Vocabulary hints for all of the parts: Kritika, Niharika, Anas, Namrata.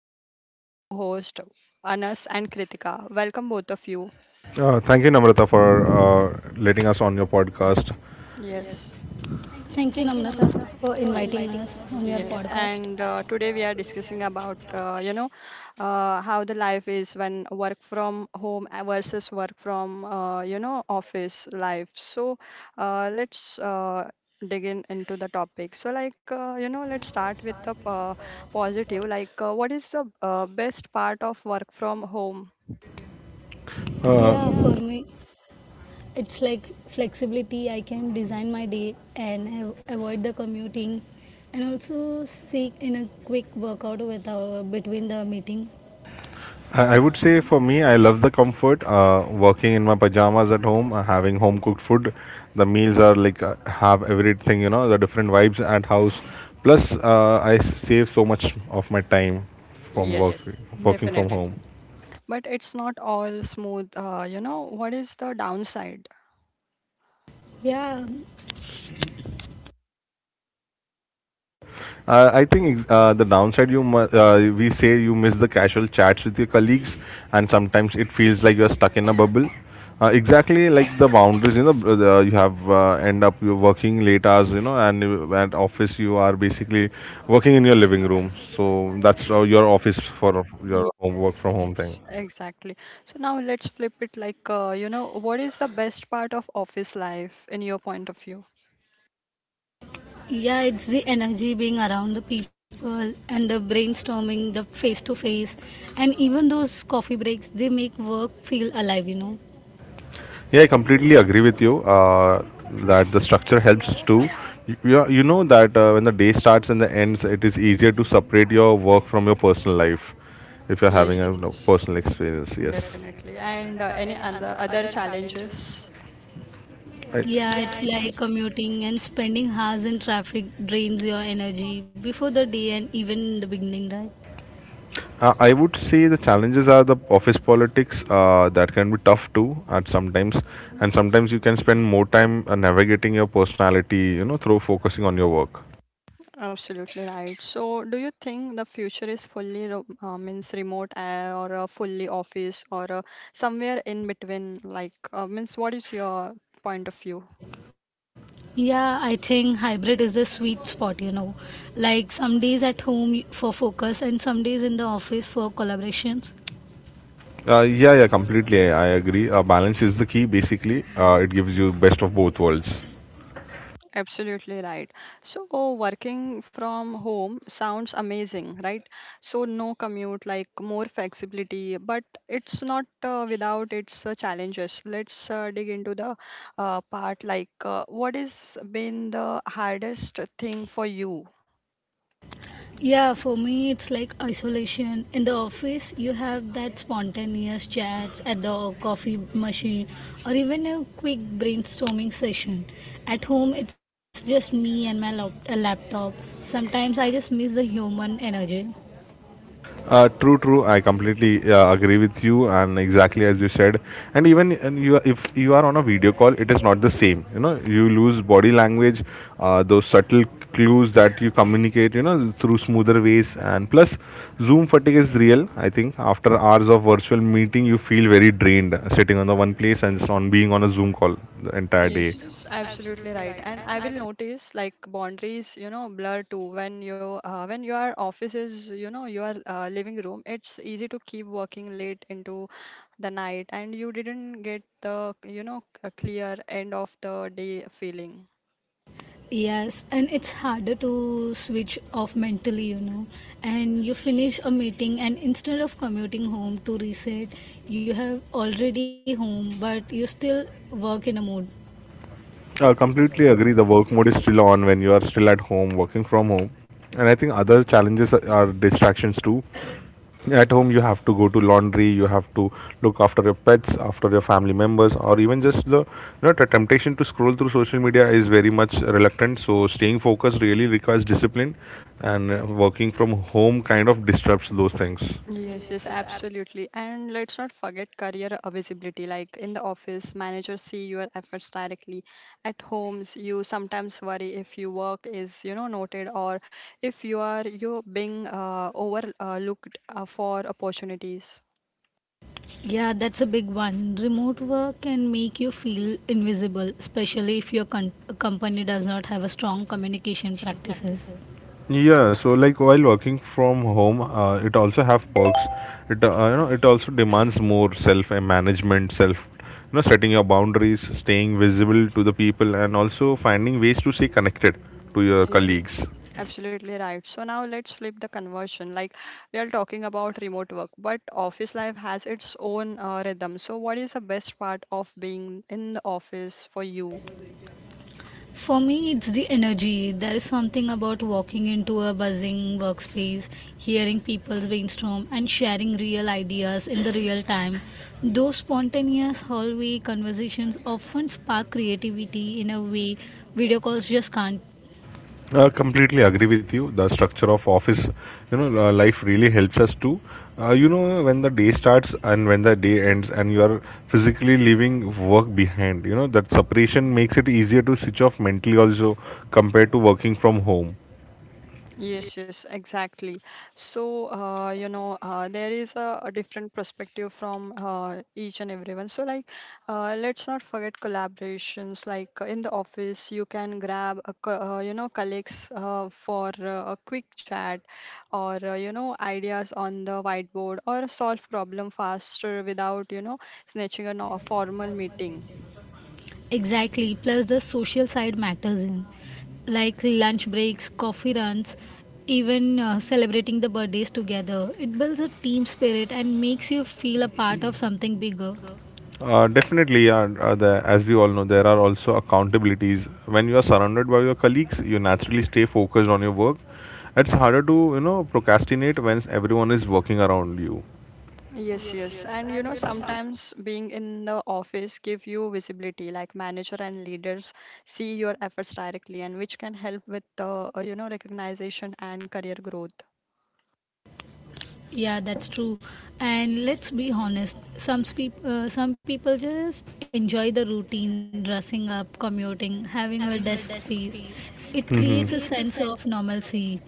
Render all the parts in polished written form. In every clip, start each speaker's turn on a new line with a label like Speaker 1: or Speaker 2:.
Speaker 1: with us two co-hosts Anas and Kritika. Welcome both of you.
Speaker 2: Thank you, Namrata, for letting us on your podcast.
Speaker 1: Yes.
Speaker 3: Thank you, Namrata, for inviting us on your
Speaker 1: Yes,
Speaker 3: podcast.
Speaker 1: and today we are discussing about how the life is when work from home versus work from office life. So let's dig in into the topic. So like let's start with the positive. Like what is the best part of work from home?
Speaker 3: Yeah,
Speaker 2: Uh,
Speaker 3: for me, it's like flexibility. I can design my day and avoid the commuting, and also seek in a quick workout without between the meeting.
Speaker 2: I would say for me, I love the comfort. Working in my pajamas at home, having home cooked food, the meals are like have everything, you know, the different vibes at house. Plus, I save so much of my time from work,
Speaker 1: Yes,
Speaker 2: Working from
Speaker 1: definitely.
Speaker 2: definitely home.
Speaker 1: But it's not all smooth. You know what is the downside?
Speaker 3: Yeah,
Speaker 2: I think the downside we say you miss the casual chats with your colleagues, and sometimes it feels like you're stuck in a bubble. Exactly like the boundaries, you know, you have end up you're working late hours, you know, and at office you are basically working in your living room. So that's your office for your
Speaker 1: Yes,
Speaker 2: home work from home thing.
Speaker 1: yes, exactly. So now let's flip it like, what is the best part of office life in your point of view?
Speaker 3: yeah, it's the energy being around the people and the brainstorming, the face to face, and even those coffee breaks. They make work feel alive.
Speaker 2: Yeah, I completely agree with you that the structure helps too. You know that when the day starts and the ends, it is easier to separate your work from your personal life if you're
Speaker 1: Yes,
Speaker 2: having a, you know,
Speaker 1: yes,
Speaker 2: personal experience. Yes.
Speaker 1: definitely. And any other challenges?
Speaker 2: I,
Speaker 3: Yeah, it's like commuting and spending hours in traffic drains your energy before the day and even in the beginning, right?
Speaker 2: I would say the challenges are the office politics that can be tough too at sometimes, and sometimes you can spend more time navigating your personality, you know, through focusing on your work.
Speaker 1: Absolutely right. So do you think the future is fully ro means remote or fully office or somewhere in between? Like, means what is your point of view?
Speaker 3: Yeah, I think hybrid is the sweet spot. Like some days at home for focus and some days in the office for collaborations.
Speaker 2: Yeah, yeah, completely. I agree. Balance is the key. Basically, it gives you best of both worlds.
Speaker 1: Absolutely right. So, working from home sounds amazing, right? So, no commute, like more flexibility, but it's not without its challenges. Let's dig into the part like what has been the hardest thing for you?
Speaker 3: Yeah, for me, it's like isolation. In the office, you have that spontaneous chats at the coffee machine or even a quick brainstorming session. At home, it's just me and my a laptop. Sometimes I just miss the human energy.
Speaker 2: True, true. I completely agree with you, and exactly as you said. And even and you, if you are on a video call, it is not the same. You know, you lose body language, those subtle clues that you communicate. You know, through smoother ways, and plus, Zoom fatigue is real. I think after hours of virtual meeting, you feel very drained, sitting on the one place and just on being on a Zoom call the entire day.
Speaker 1: Yes, yes, absolutely right. And I will notice like boundaries, you know, blur too. When you when your office is, you know, your living room, it's easy to keep working late into the night, and you didn't get the, you know, a clear end of the day feeling.
Speaker 3: Yes, and it's harder to switch off mentally. And you finish a meeting, and instead of commuting home to reset, you have already home, but you still work in a mood.
Speaker 2: I completely agree. The work mode is still on when you are still at home, working from home. And I think other challenges are distractions too. At home you have to go to laundry, you have to look after your pets after your family members, or even just the, you know, the temptation to scroll through social media is very much reluctant. So staying focused really requires discipline, and working from home kind of disrupts those things.
Speaker 1: Yes, yes, absolutely. And let's not forget career visibility. Like in the office, managers see your efforts directly. At homes, you sometimes worry if your work is, you know, noted or if you are you being overlooked for opportunities.
Speaker 3: Yeah, that's a big one. Remote work can make you feel invisible, especially if your company does not have a strong communication practices.
Speaker 2: Yeah, so like while working from home, it also have perks. It, you know, it also demands more self management, self, you know, setting your boundaries, staying visible to the people, and also finding ways to stay connected to your
Speaker 1: Yes,
Speaker 2: colleagues.
Speaker 1: absolutely right. So now let's flip the conversion. Like we are talking about remote work, but office life has its own rhythm. So what is the best part of being in the office for you?
Speaker 3: For me, it's the energy. There is something about walking into a buzzing workspace, hearing people brainstorm, and sharing real ideas in the real time. Those spontaneous hallway conversations often spark creativity in a way video calls just can't.
Speaker 2: Completely agree with you. The structure of office, you know, life really helps us to, you know, when the day starts and when the day ends, and you are physically leaving work behind. You know that separation makes it easier to switch off mentally also compared to working from home.
Speaker 1: Yes, yes, exactly. So, there is a different perspective from each and everyone. So, like, let's not forget collaborations. Like in the office, you can grab, a, co- you know, colleagues for a quick chat, or ideas on the whiteboard, or solve problem faster without, you know, snatching a no- a formal meeting.
Speaker 3: Exactly. Plus, the social side matters in like lunch breaks, coffee runs, even celebrating the birthdays together. It builds a team spirit and makes you feel a part of something bigger.
Speaker 2: Definitely, yeah. The, as we all know, there are also accountabilities. When you are surrounded by your colleagues, you naturally stay focused on your work. It's harder to, you know, procrastinate when everyone is working around you.
Speaker 1: Yes, yes. And you know, sometimes being in the office give you visibility, like manager and leaders see your efforts directly and which can help with the, recognition and career growth.
Speaker 3: Yeah, that's true. And let's be honest, some people just enjoy the routine, dressing up, commuting, having a desk space. It creates a sense of normalcy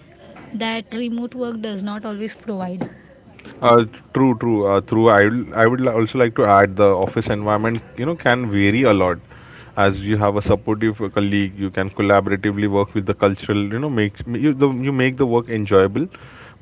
Speaker 3: that remote work does not always provide.
Speaker 2: Uh, True, true. True. I would also like to add the office environment. You know, can vary a lot. As you have a supportive colleague, you can collaboratively work with the cultural. You know, makes you the, you make the work enjoyable.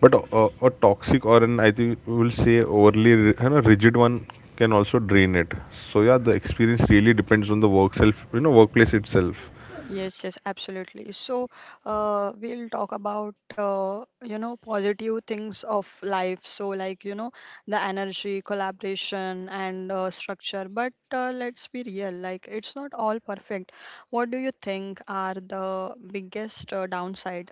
Speaker 2: But a toxic or an I think we will say overly you know, rigid one can also drain it. So yeah, the experience really depends on the work self. You know, workplace itself.
Speaker 1: Yes, yes, absolutely. So, we'll talk about, positive things of life. So, like, you know, the energy, collaboration, and structure. But let's be real, like, it's not all perfect. What do you think are the biggest downsides?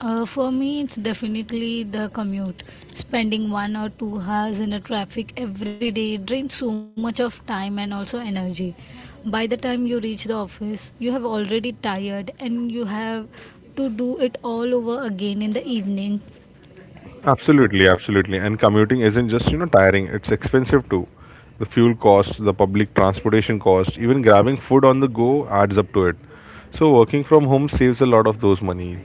Speaker 3: For me, it's definitely the commute. Spending one or two hours in a traffic every day drains so much of time and also energy. By the time you reach the office, you have already tired and you have to do it all over again in the evening.
Speaker 2: Absolutely, absolutely. And commuting isn't just, you know, tiring, it's expensive too. The fuel cost, the public transportation cost, even grabbing food on the go adds up to it. So working from home saves a lot of those money.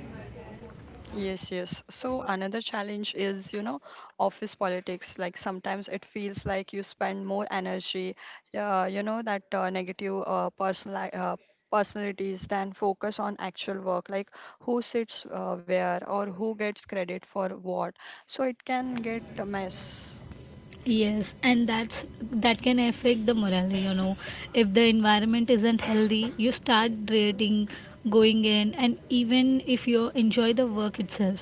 Speaker 1: Yes, yes. So another challenge is, you know, office politics. Like sometimes it feels like you spend more energy, you know, that negative personal personalities than focus on actual work, like who sits where or who gets credit for what. So it can get a mess.
Speaker 3: Yes, and that can affect the morale. If the environment isn't healthy, you start dreading going in and even if you enjoy the work itself.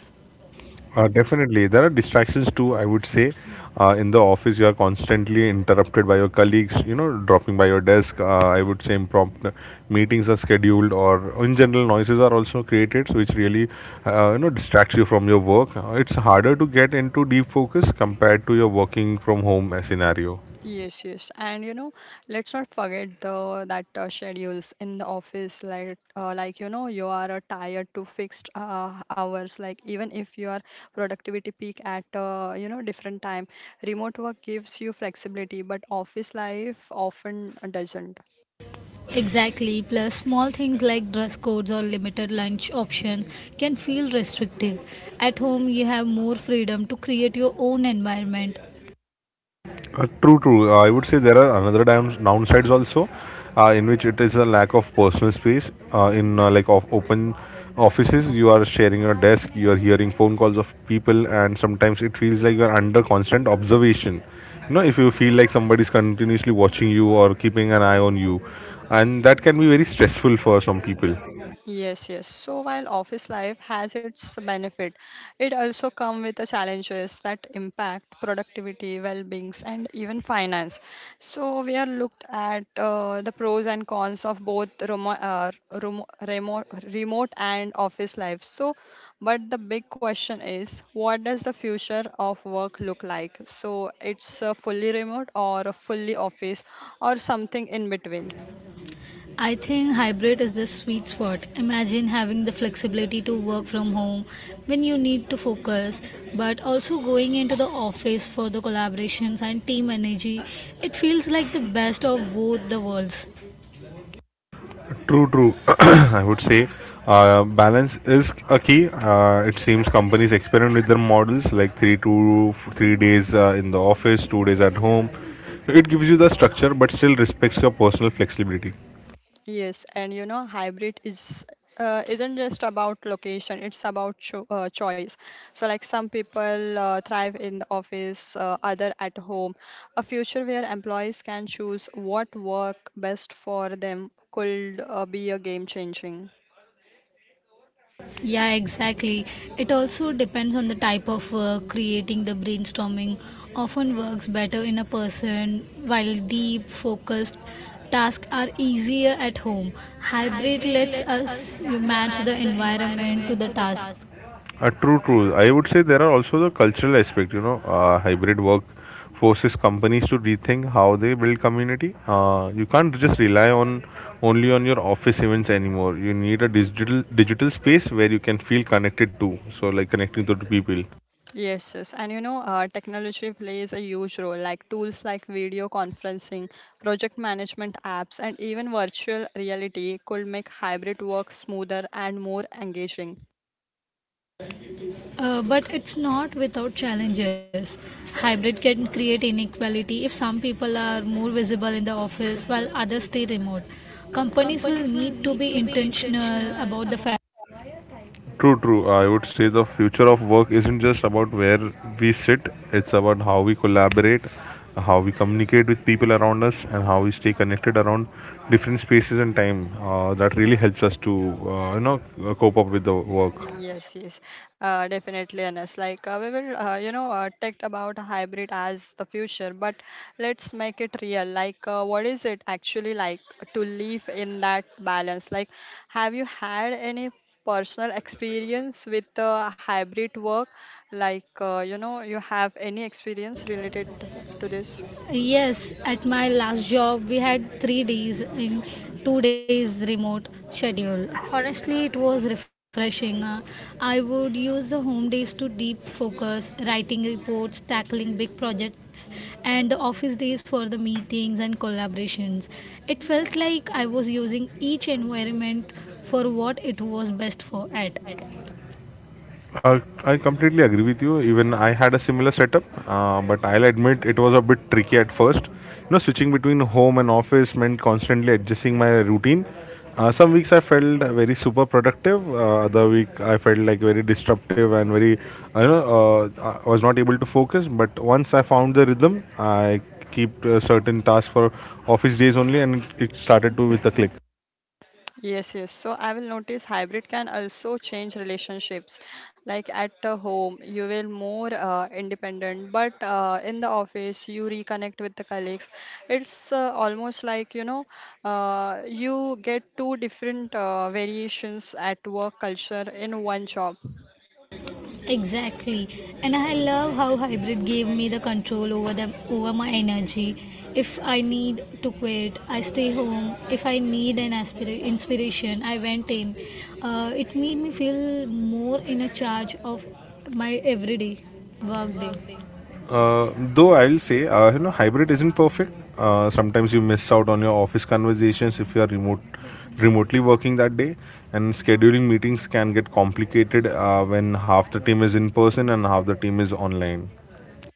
Speaker 2: Definitely, there are distractions too. I would say, in the office, you are constantly interrupted by your colleagues. You know, dropping by your desk. I would say impromptu meetings are scheduled, or in general, noises are also created, so which really, you know, distracts you from your work. It's harder to get into deep focus compared to your working from home scenario.
Speaker 1: Yes, yes, and you know, let's not forget the that schedules in the office, like you know, you are tired to fixed hours. Like even if your productivity peak at you know different time, remote work gives you flexibility, but office life often doesn't.
Speaker 3: Exactly, plus small things like dress codes or limited lunch options can feel restrictive. At home, you have more freedom to create your own environment.
Speaker 2: True, true. I would say there are another dams downsides also, in which it is a lack of personal space. In like of open offices, you are sharing your desk, you are hearing phone calls of people, and sometimes it feels like you are under constant observation. You know, if you feel like somebody is continuously watching you or keeping an eye on you, and that can be very stressful for some people.
Speaker 1: Yes, yes. So while office life has its benefit, it also come with the challenges that impact productivity, well beings, and even finance. So we are looked at the pros and cons of both remote, remote and office life. So, but the big question is, what does the future of work look like? So it's fully remote or a fully office or something in between.
Speaker 3: I think hybrid is the sweet spot. Imagine having the flexibility to work from home when you need to focus, but also going into the office for the collaborations and team energy. It feels like the best of both the worlds.
Speaker 2: True, true. I would say balance is a key. It seems companies experiment with their models like three to three days in the office, 2 days at home. It gives you the structure, but still respects your personal flexibility.
Speaker 1: Yes, and you know, hybrid is isn't just about location; it's about choice. So, like some people thrive in the office, other at home. A future where employees can choose what work best for them could be a game changing.
Speaker 3: Yeah, exactly. It also depends on the type of work. Creating the brainstorming often works better in a person, while deep, focused tasks are easier at home. Hybrid lets us you match the environment to the task,
Speaker 2: True, true. I would say there are also the cultural aspect. You know, hybrid work forces companies to rethink how they build community. You can't just rely on only on your office events anymore. You need a digital space where you can feel connected to. So, like connecting to the people.
Speaker 1: Yes, yes, and you know, technology plays a huge role. Like tools like video conferencing, project management apps, and even virtual reality could make hybrid work smoother and more engaging.
Speaker 3: but it's not without challenges. Hybrid can create inequality if some people are more visible in the office while others stay remote. Companies will need to be intentional about the fact.
Speaker 2: True, true. I would say the future of work isn't just about where we sit, it's about how we collaborate, how we communicate with people around us, and how we stay connected around different spaces and time. That really helps us to, you know, cope up with the work.
Speaker 1: Yes, yes, definitely, Anas. Like we talked about hybrid as the future, but let's make it real. Like, what is it actually like to live in that balance? Like, have you had any personal experience with hybrid work? Like, you have any experience related to this?
Speaker 3: Yes, at my last job, we had 3 days in 2 days remote schedule. Honestly, it was refreshing. I would use the home days to deep focus, writing reports, tackling big projects, and the office days for the meetings and collaborations. It felt like I was using each environment for what it was best for at.
Speaker 2: I completely agree with you. Even I had a similar setup, but I'll admit it was a bit tricky at first. You know, switching between home and office meant constantly adjusting my routine. Some weeks I felt very super productive. Other week I felt like very disruptive and very, you know, I was not able to focus. But once I found the rhythm, I keep certain tasks for office days only, and it started to with a click.
Speaker 1: Yes, yes. So I will notice hybrid can also change relationships. Like at the home, you will more independent, but in the office, you reconnect with the colleagues. It's almost like you get two different variations at work culture in one job.
Speaker 3: Exactly. And I love how hybrid gave me the control over the over my energy. If I need to quit, I stay home. If I need inspiration, I went in. It made me feel more in a charge of my everyday work day.
Speaker 2: Though I'll say, you know, hybrid isn't perfect. Sometimes you miss out on your office conversations if you are remotely working that day, and scheduling meetings can get complicated when half the team is in person and half the team is online.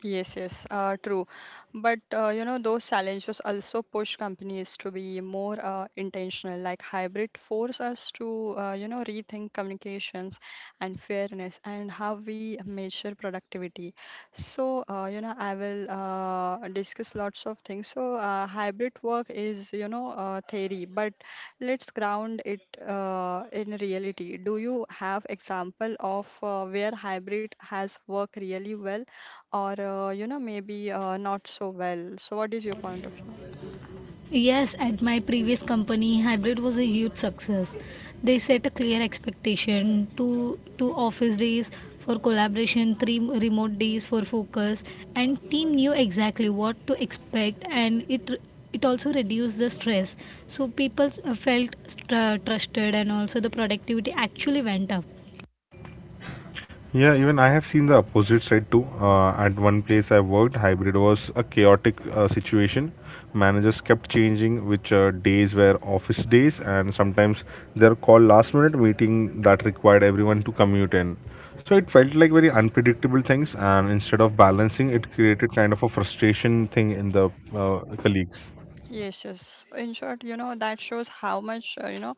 Speaker 1: Yes, yes, true. But you know, those challenges also push companies to be more intentional. Like hybrid force us to you know rethink communications and fairness and how we measure productivity. So you know, I will discuss lots of things. So hybrid work is you know theory, but let's ground it in reality. Do you have example of where hybrid has worked really well? Or you know maybe not so well, so what is your point of view?
Speaker 3: Yes, at my previous company, hybrid was a huge success. They set a clear expectation: two office days for collaboration, three remote days for focus, and team knew exactly what to expect, and it also reduced the stress. So people felt str trusted, and also the productivity actually went up.
Speaker 2: Yeah, even I have seen the opposite side too. At one place I worked, hybrid was a chaotic situation. Managers kept changing which days were office days, and sometimes they're called last minute meeting that required everyone to commute in. So it felt like very unpredictable things, and instead of balancing, it created kind of a frustration thing in the colleagues.
Speaker 1: Yes, yes, in short, you know that shows how much uh, you know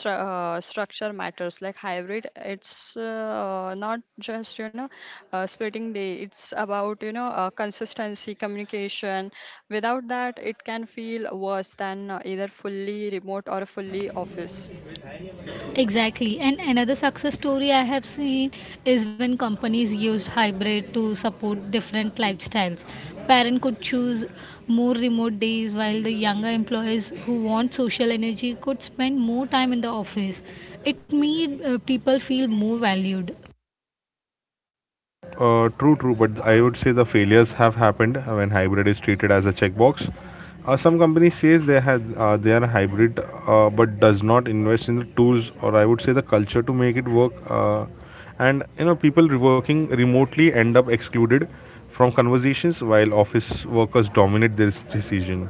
Speaker 1: stru- uh, structure matters. Like hybrid, it's not just you know splitting day, it's about you know consistency communication. Without that it can feel worse than either fully remote or fully office.
Speaker 3: Exactly. And another success story I have seen is when companies used hybrid to support different lifestyles. Parent could choose more remote days while the younger employees who want social energy could spend more time in the office. It made people feel more valued.
Speaker 2: True, true, but I would say the failures have happened when hybrid is treated as a checkbox. Some companies says they are hybrid, but does not invest in the tools or I would say the culture to make it work. And you know, people working remotely end up excluded from conversations while office workers dominate this decision.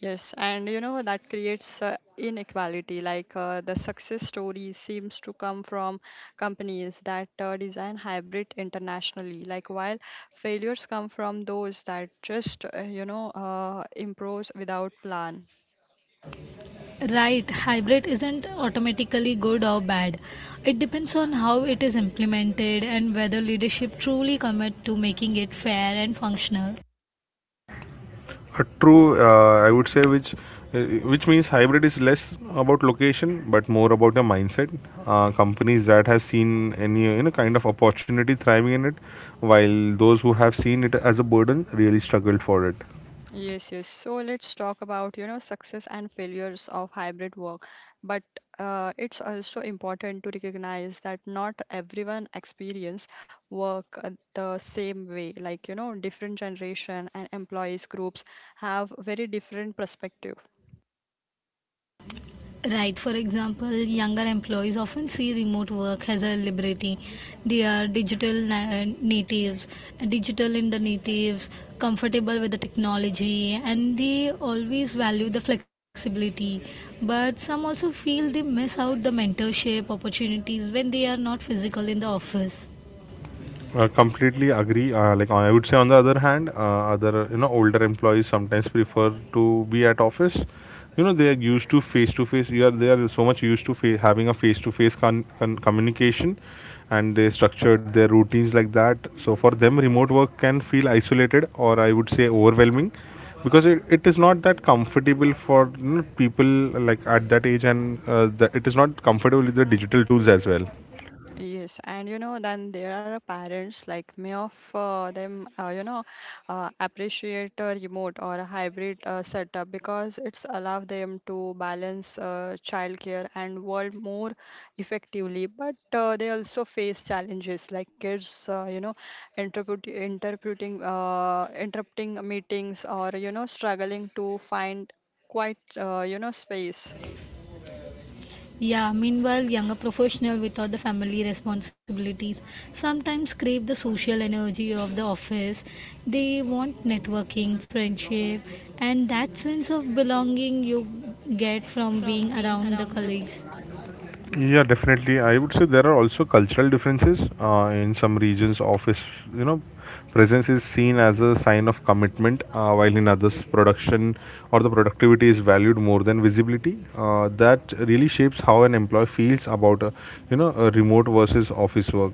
Speaker 1: Yes, and you know that creates inequality. Like the success story seems to come from companies that design hybrid internationally, like while failures come from those that just improve without plan.
Speaker 3: Right, hybrid isn't automatically good or bad. It depends on how it is implemented and whether leadership truly commit to making it fair and functional.
Speaker 2: True, I would say uh, which means hybrid is less about location but more about the mindset. Companies that have seen any, you know, kind of opportunity thriving in it, while those who have seen it as a burden really struggled for it.
Speaker 1: Yes, yes. So let's talk about, you know, success and failures of hybrid work. But it's also important to recognize that not everyone experience work the same way. Like, you know, different generation and employees groups have very different perspective.
Speaker 3: Right, for example, younger employees often see remote work as a liberty. They are digital na- natives, digital in the natives, comfortable with the technology, and they always value the flexibility. But some also feel they miss out the mentorship opportunities when they are not physical in the office.
Speaker 2: Completely agree. Like I would say, on the other hand, other, you know, older employees sometimes prefer to be at office. You know they are used to face to face. You are They are so much used to having a face to face communication, and they structured their routines like that. So for them, remote work can feel isolated or I would say overwhelming, because it is not that comfortable for, you know, people like at that age, and that it is not comfortable with the digital tools as well.
Speaker 1: Yes, and you know, then there are parents like me of them, appreciate a remote or a hybrid setup because it's allow them to balance childcare and world more effectively. But they also face challenges like kids, interrupting meetings or you know, struggling to find quite, space.
Speaker 3: Yeah, meanwhile, younger professional without the family responsibilities sometimes crave the social energy of the office. They want networking, friendship, and that sense of belonging you get from being around the colleagues.
Speaker 2: Yeah, definitely. I would say there are also cultural differences. In some regions, office, you know, presence is seen as a sign of commitment, while in others, production or the productivity is valued more than visibility. That really shapes how an employee feels about, you know, a remote versus office work.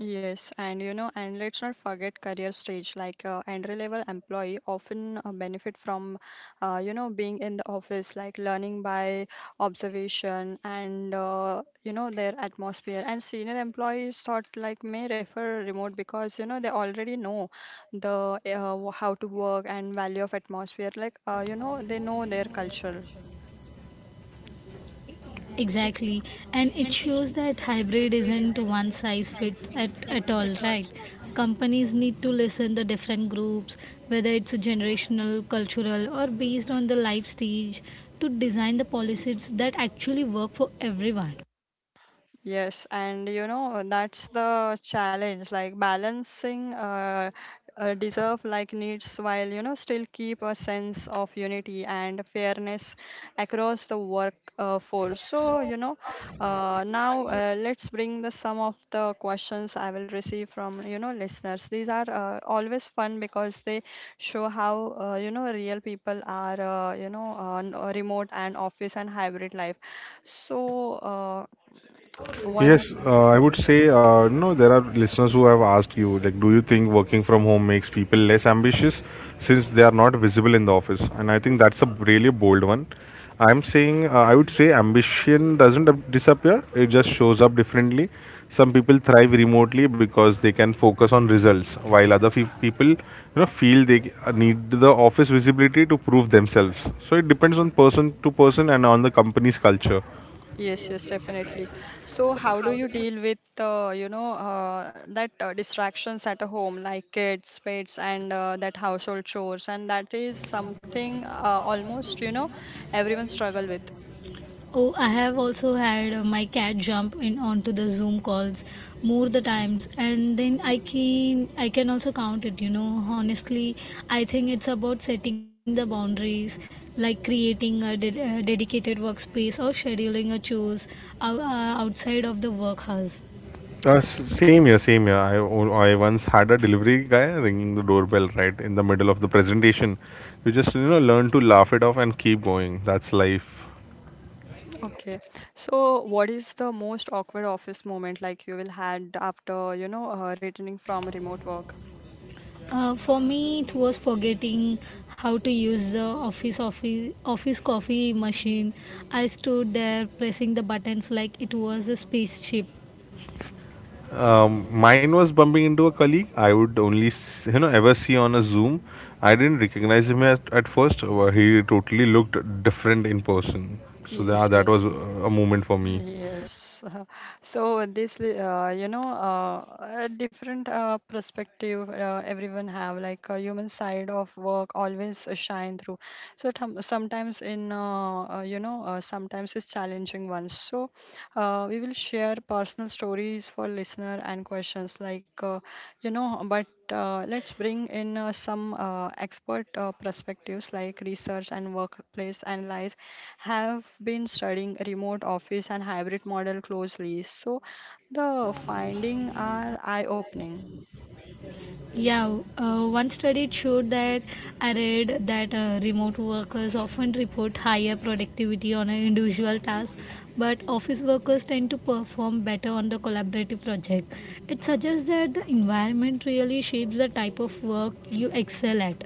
Speaker 1: Yes, and you know, and let's not forget career stage. Like entry level employee often benefit from, being in the office, like learning by observation and you know their atmosphere. And senior employees thought like may refer remote because you know they already know the how to work and value of atmosphere. Like you know they know their culture.
Speaker 3: Exactly, and it shows that hybrid isn't one size fits at all, right? Companies need to listen the different groups, whether it's generational, cultural, or based on the life stage, to design the policies that actually work for everyone.
Speaker 1: Yes, and you know, that's the challenge, like balancing deserve like needs while you know still keep a sense of unity and fairness across the work force. So, you know, now let's bring the some of the questions I will receive from you know listeners. These are always fun because they show how you know real people are you know on remote and office and hybrid life. So, one.
Speaker 2: Yes, I would say, no, there are listeners who have asked you, like, do you think working from home makes people less ambitious since they are not visible in the office? And I think that's a really bold one. I would say ambition doesn't disappear, it just shows up differently. Some people thrive remotely because they can focus on results, while other people, you know, feel they need the office visibility to prove themselves. So it depends on person to person and on the company's culture.
Speaker 1: Yes, yes, definitely. So, how do you deal with, you know, that distractions at a home, like kids, pets, and that household chores? And that is something almost, you know, everyone struggle with.
Speaker 3: Oh, I have also had my cat jump in onto the Zoom calls more the times, and then I can also count it. You know, honestly, I think it's about setting the boundaries, like creating a dedicated workspace or scheduling a chores outside of the workhouse.
Speaker 2: Same here, same here. I once had a delivery guy ringing the doorbell right in the middle of the presentation. You just learn to laugh it off and keep going. That's life.
Speaker 1: Okay. So, what is the most awkward office moment like you will had after, you know, returning from remote work?
Speaker 3: For me, it was forgetting how to use the office coffee machine. I stood there pressing the buttons like it was a spaceship.
Speaker 2: Mine was bumping into a colleague I would only ever see on a Zoom. I didn't recognize him at first. He totally looked different in person. So that
Speaker 1: Yes,
Speaker 2: that
Speaker 1: yes.
Speaker 2: was a moment for me.
Speaker 1: Yes. So this, a different perspective everyone have, like a human side of work always shine through. So sometimes sometimes it's challenging ones. So we will share personal stories for listener and questions like, but let's bring in some expert perspectives like research and workplace analysis have been studying remote office and hybrid model closely. So the findings are eye-opening.
Speaker 3: Yeah, one study showed that I read that remote workers often report higher productivity on an individual task, but office workers tend to perform better on the collaborative project. It suggests that the environment really shapes the type of work you excel at.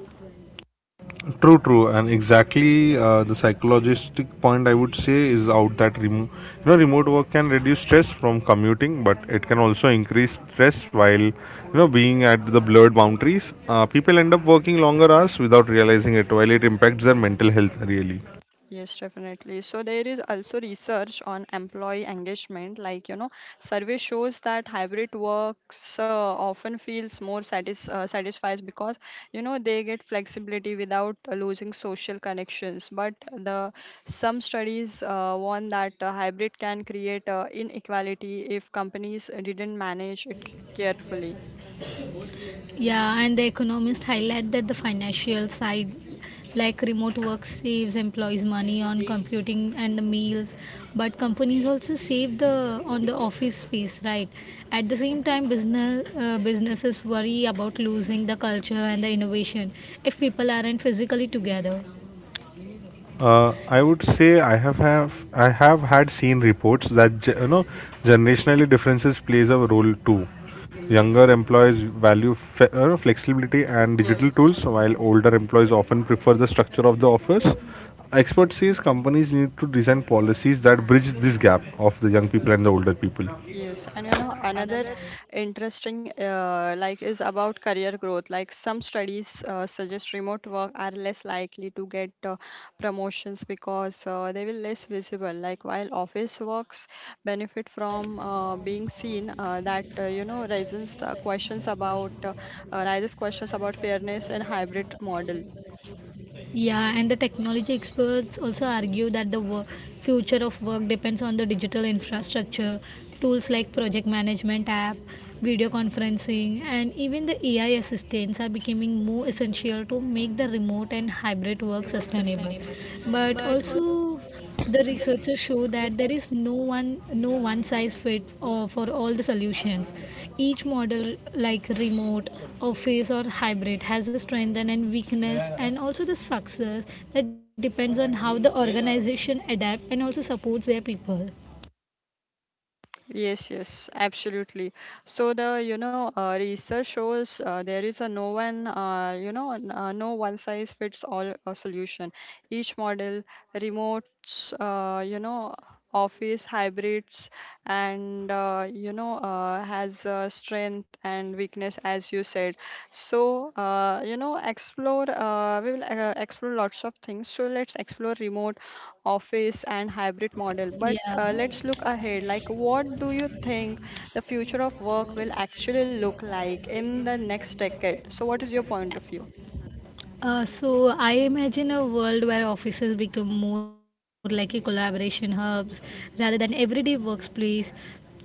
Speaker 2: True, true, and exactly the psychologistic point I would say is out that remote work can reduce stress from commuting, but it can also increase stress while being at the blurred boundaries. People end up working longer hours without realizing it, while it impacts their mental health really.
Speaker 1: Yes, definitely. So there is also research on employee engagement. Like, you know, survey shows that hybrid works often feels more satisfies because, you know, they get flexibility without losing social connections. But the some studies warn that hybrid can create inequality if companies didn't manage it carefully.
Speaker 3: Yeah, and the economists highlight that the financial side, like remote work, saves employees money on computing and the meals, but companies also save the on the office space, right? At the same time, businesses worry about losing the culture and the innovation if people aren't physically together.
Speaker 2: I would say I have had seen reports that generationally differences plays a role too. Younger employees value flexibility and
Speaker 1: Yes.
Speaker 2: digital tools, while older employees often prefer the structure of the office. Experts says companies need to design policies that bridge this gap of the young people and the older people.
Speaker 1: Yes, and you know another interesting like is about career growth. Like some studies suggest remote work are less likely to get promotions because they will less visible. Like while office works benefit from being seen, that you know raises questions about raises questions about fairness and hybrid model.
Speaker 3: Yeah, and the technology experts also argue that future of work depends on the digital infrastructure, tools like project management app, video conferencing, and even the AI assistants are becoming more essential to make the remote and hybrid work sustainable. But also the researchers show that there is no one size fit for all the solutions. Each model like remote, office or hybrid has a strength and a weakness and also the success that depends on how the organization adapt and also supports their people.
Speaker 1: Yes, yes, absolutely. So the research shows there is a no one you know n- no one size fits all solution. Each model, remotes, office hybrids, and has strength and weakness as you said. So you know explore we will explore lots of things. So let's explore remote office and hybrid model. But
Speaker 3: Yeah.
Speaker 1: let's look ahead. Like, what do you think the future of work will actually look like in the next decade? So, what is your point of view?
Speaker 3: So I imagine a world where offices become more like a collaboration hubs rather than everyday workplace,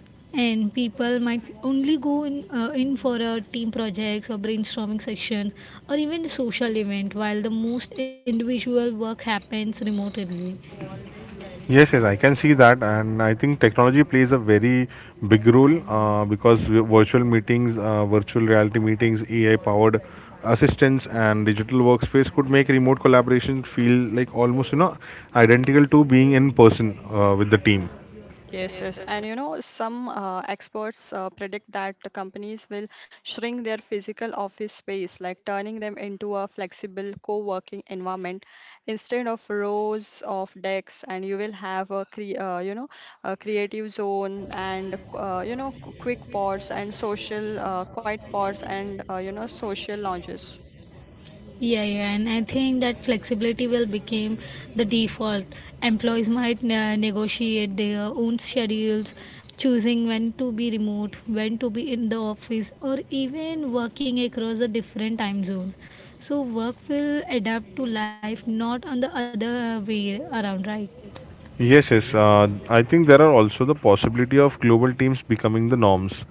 Speaker 3: and people might only go in for a team projects or brainstorming sessions or even social event, while the most individual work happens remotely.
Speaker 2: Yes, yes, I can see that, and I think technology plays a very big role because virtual meetings, virtual reality meetings, AI-powered assistants, and digital workspace could make remote collaboration feel like almost identical to being in person with the team.
Speaker 1: Yes, yes. And you know, some experts predict that the companies will shrink their physical office space, like turning them into a flexible co working environment. Instead of rows of desks, and you will have a a creative zone and quick pods and social quiet pods and social lounges.
Speaker 3: Yeah, and I think that flexibility will become the default. Employees might negotiate their own schedules, choosing when to be remote, when to be in the office, or even working across the different time zones. So work will adapt to life, not on the other way around, right?
Speaker 2: Yes, yes. I think there are also the possibility of global teams becoming the norms.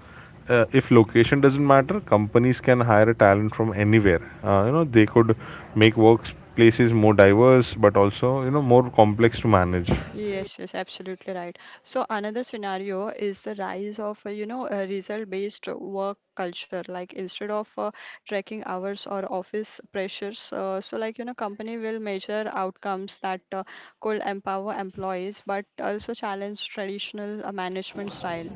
Speaker 2: If location doesn't matter, companies can hire a talent from anywhere. They could make workplaces more diverse, but also more complex to manage.
Speaker 1: Yes, yes, absolutely right. So another scenario is the rise of, a result-based work culture. Like instead of tracking hours or office pressures, company will measure outcomes that could empower employees, but also challenge traditional management style.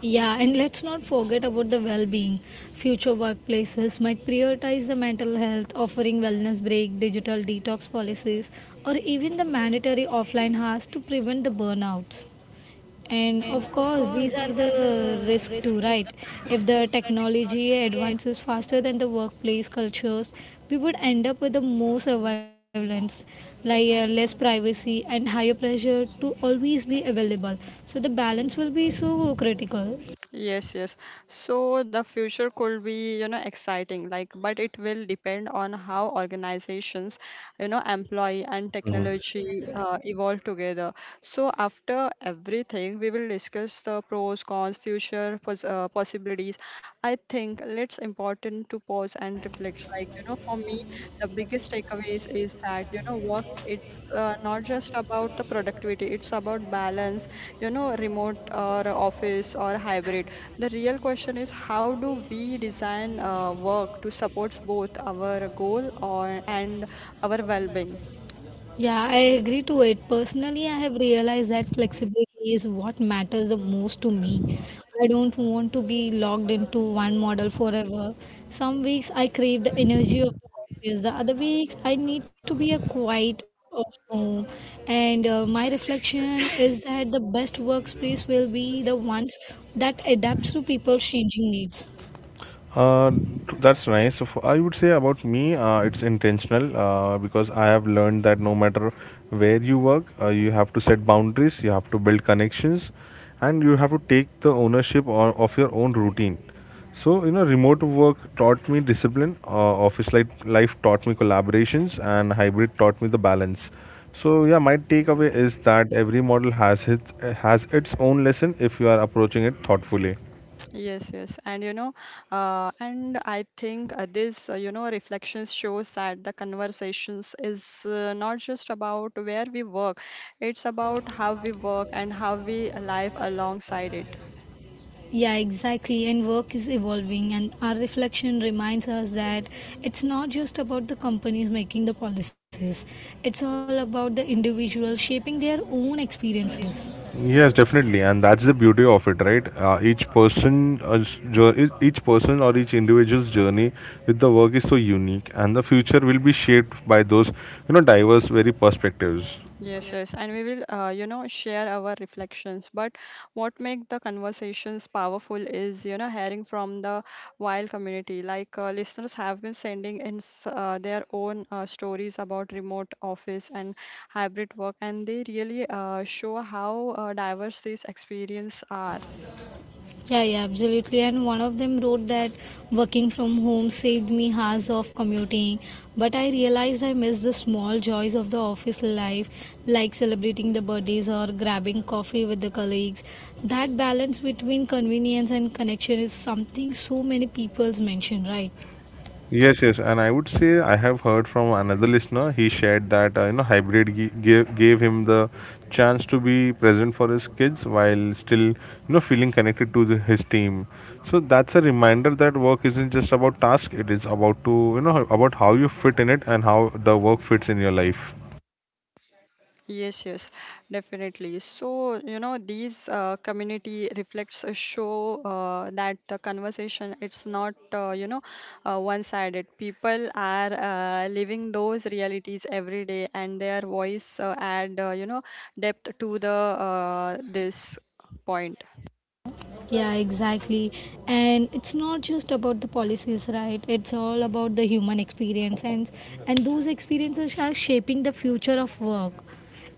Speaker 3: Yeah, and let's not forget about the well being. Future workplaces might prioritize the mental health, offering wellness break, digital detox policies, or even the mandatory offline hours to prevent the burnouts. And of course, these are the risk too, right? If the technology advances faster than the workplace cultures, we would end up with the more surveillance, like less privacy and higher pressure to always be available. So the balance will be so critical.
Speaker 1: Yes, yes. So the future could be, you know, exciting, like, but it will depend on how organizations, you know, employ and technology evolve together. So after everything, we will discuss the pros, cons, future pos possibilities. I think it's important to pause and reflect. Like, you know, for me, the biggest takeaways is that, you know, work, it's not just about the productivity, it's about balance you know, remote or office or hybrid. The real question is how do we design work to support both our goal or and our well-being?
Speaker 3: Yeah, I agree to it. Personally, I have realized that flexibility is what matters the most to me. I don't want to be locked into one model forever. Some weeks I crave the energy of the office, the other weeks I need to be a quiet of home. And my reflection is that the best workspace will be the ones that adapts to people's changing needs.
Speaker 2: Uh, that's nice. I would say about me, it's intentional because I have learned that no matter where you work, you have to set boundaries, you have to build connections, and you have to take the ownership of your own routine. So remote work taught me discipline. Office life taught me collaborations, and hybrid taught me the balance. So yeah, my takeaway is that every model has its own lesson if you are approaching it thoughtfully.
Speaker 1: Yes, yes, and and I think this reflections shows that the conversations is not just about where we work, it's about how we work and how we live alongside it.
Speaker 3: Yeah, exactly. And work is evolving, and our reflection reminds us that it's not just about the companies making the policies, it's all about the individuals shaping their own experiences.
Speaker 2: Yes, definitely, and that's the beauty of it, right? Each person, each person or each individual's journey with the work is so unique, and the future will be shaped by those, diverse, very perspectives.
Speaker 1: Yes, yes, and we will, share our reflections. But what make the conversations powerful is, you know, hearing from the wild community. Like listeners have been sending in their own stories about remote office and hybrid work, and they really show how diverse these experiences are.
Speaker 3: Yeah, absolutely. And one of them wrote that working from home saved me hours of commuting, but I realized I missed the small joys of the office life, like celebrating the birthdays or grabbing coffee with the colleagues. That balance between convenience and connection is something so many people's mention, right?
Speaker 2: Yes, yes, and I would say I have heard from another listener. He shared that hybrid gave him the chance to be present for his kids while still feeling connected to the, his team. So that's a reminder that work isn't just about task; it is about to about how you fit in it and how the work fits in your life.
Speaker 1: Yes, yes, definitely. So, you know, these community reflects a show that the conversation it's not one-sided. People are living those realities every day, and their voice add depth to the this point.
Speaker 3: Yeah, exactly. And it's not just about the policies, right? It's all about the human experience and those experiences are shaping the future of work.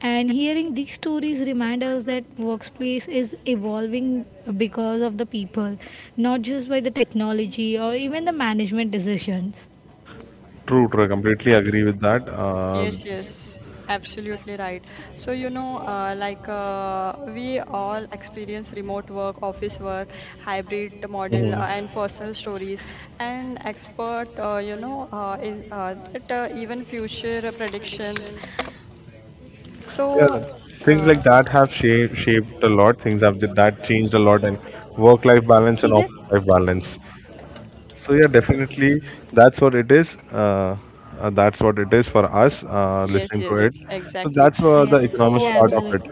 Speaker 3: And hearing these stories remind us that workplace is evolving because of the people, not just by the technology or even the management decisions.
Speaker 2: True, true. I completely agree with that.
Speaker 1: Yes, yes, absolutely right. So, you know, we all experience remote work, office work, hybrid model,
Speaker 2: Mhm.
Speaker 1: and personal stories, and expert, even future predictions. So,
Speaker 2: Yeah, things
Speaker 1: uh,
Speaker 2: like that have shaped a lot. Things have that changed a lot, and work-life balance and
Speaker 3: Kida?
Speaker 2: office-life balance. So yeah, definitely that's what it is. That's what it is for us
Speaker 1: yes,
Speaker 2: listening to
Speaker 1: yes,
Speaker 2: it. So
Speaker 1: exactly.
Speaker 2: that's the
Speaker 3: Yeah, yeah,
Speaker 2: economics
Speaker 1: So,
Speaker 2: part of
Speaker 3: absolutely.
Speaker 2: it.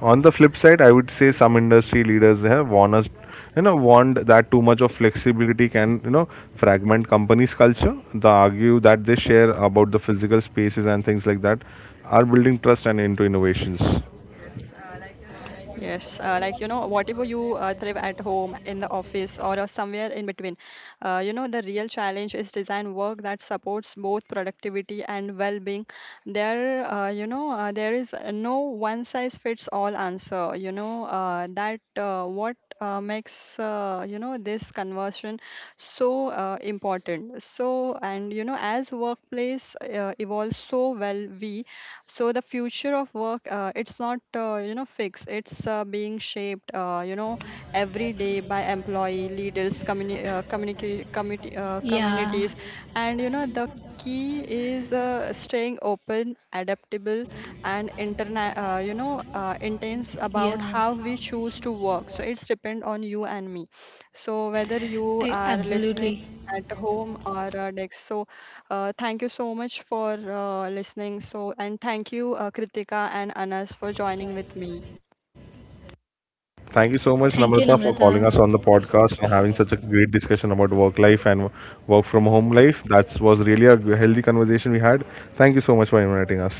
Speaker 2: On the flip side, I would say some industry leaders have warned us, warned that too much of flexibility can, fragment companies' culture. They argue that they share about the physical spaces and things like that are building trust and into innovations.
Speaker 1: Yes, like you know, whatever you thrive at home, in the office, or somewhere in between, you know, the real challenge is design work that supports both productivity and well-being. There is no one-size-fits-all answer. You know, that what makes, you know, this conversion so important. So, and you know, as workplace evolves so well, we so the future of work, it's not fixed. It's being shaped, you know, every day by employee leaders, community,
Speaker 3: Yeah,
Speaker 1: communities, and you know the key is staying open, adaptable, and intense about
Speaker 3: yeah,
Speaker 1: how we choose to work. So it's depend on you and me. So whether you are listening
Speaker 3: Absolutely.
Speaker 1: at home or desk. So thank you so much for listening. So, and thank you, Kritika and Anas, for joining with me.
Speaker 2: Thank you
Speaker 3: Thank
Speaker 2: so
Speaker 3: you,
Speaker 2: much, Namrata, for
Speaker 3: Namrata.
Speaker 2: calling us on the podcast and having such a great discussion about work life and work from home life. That was really a healthy conversation we had. Thank you so much for inviting us.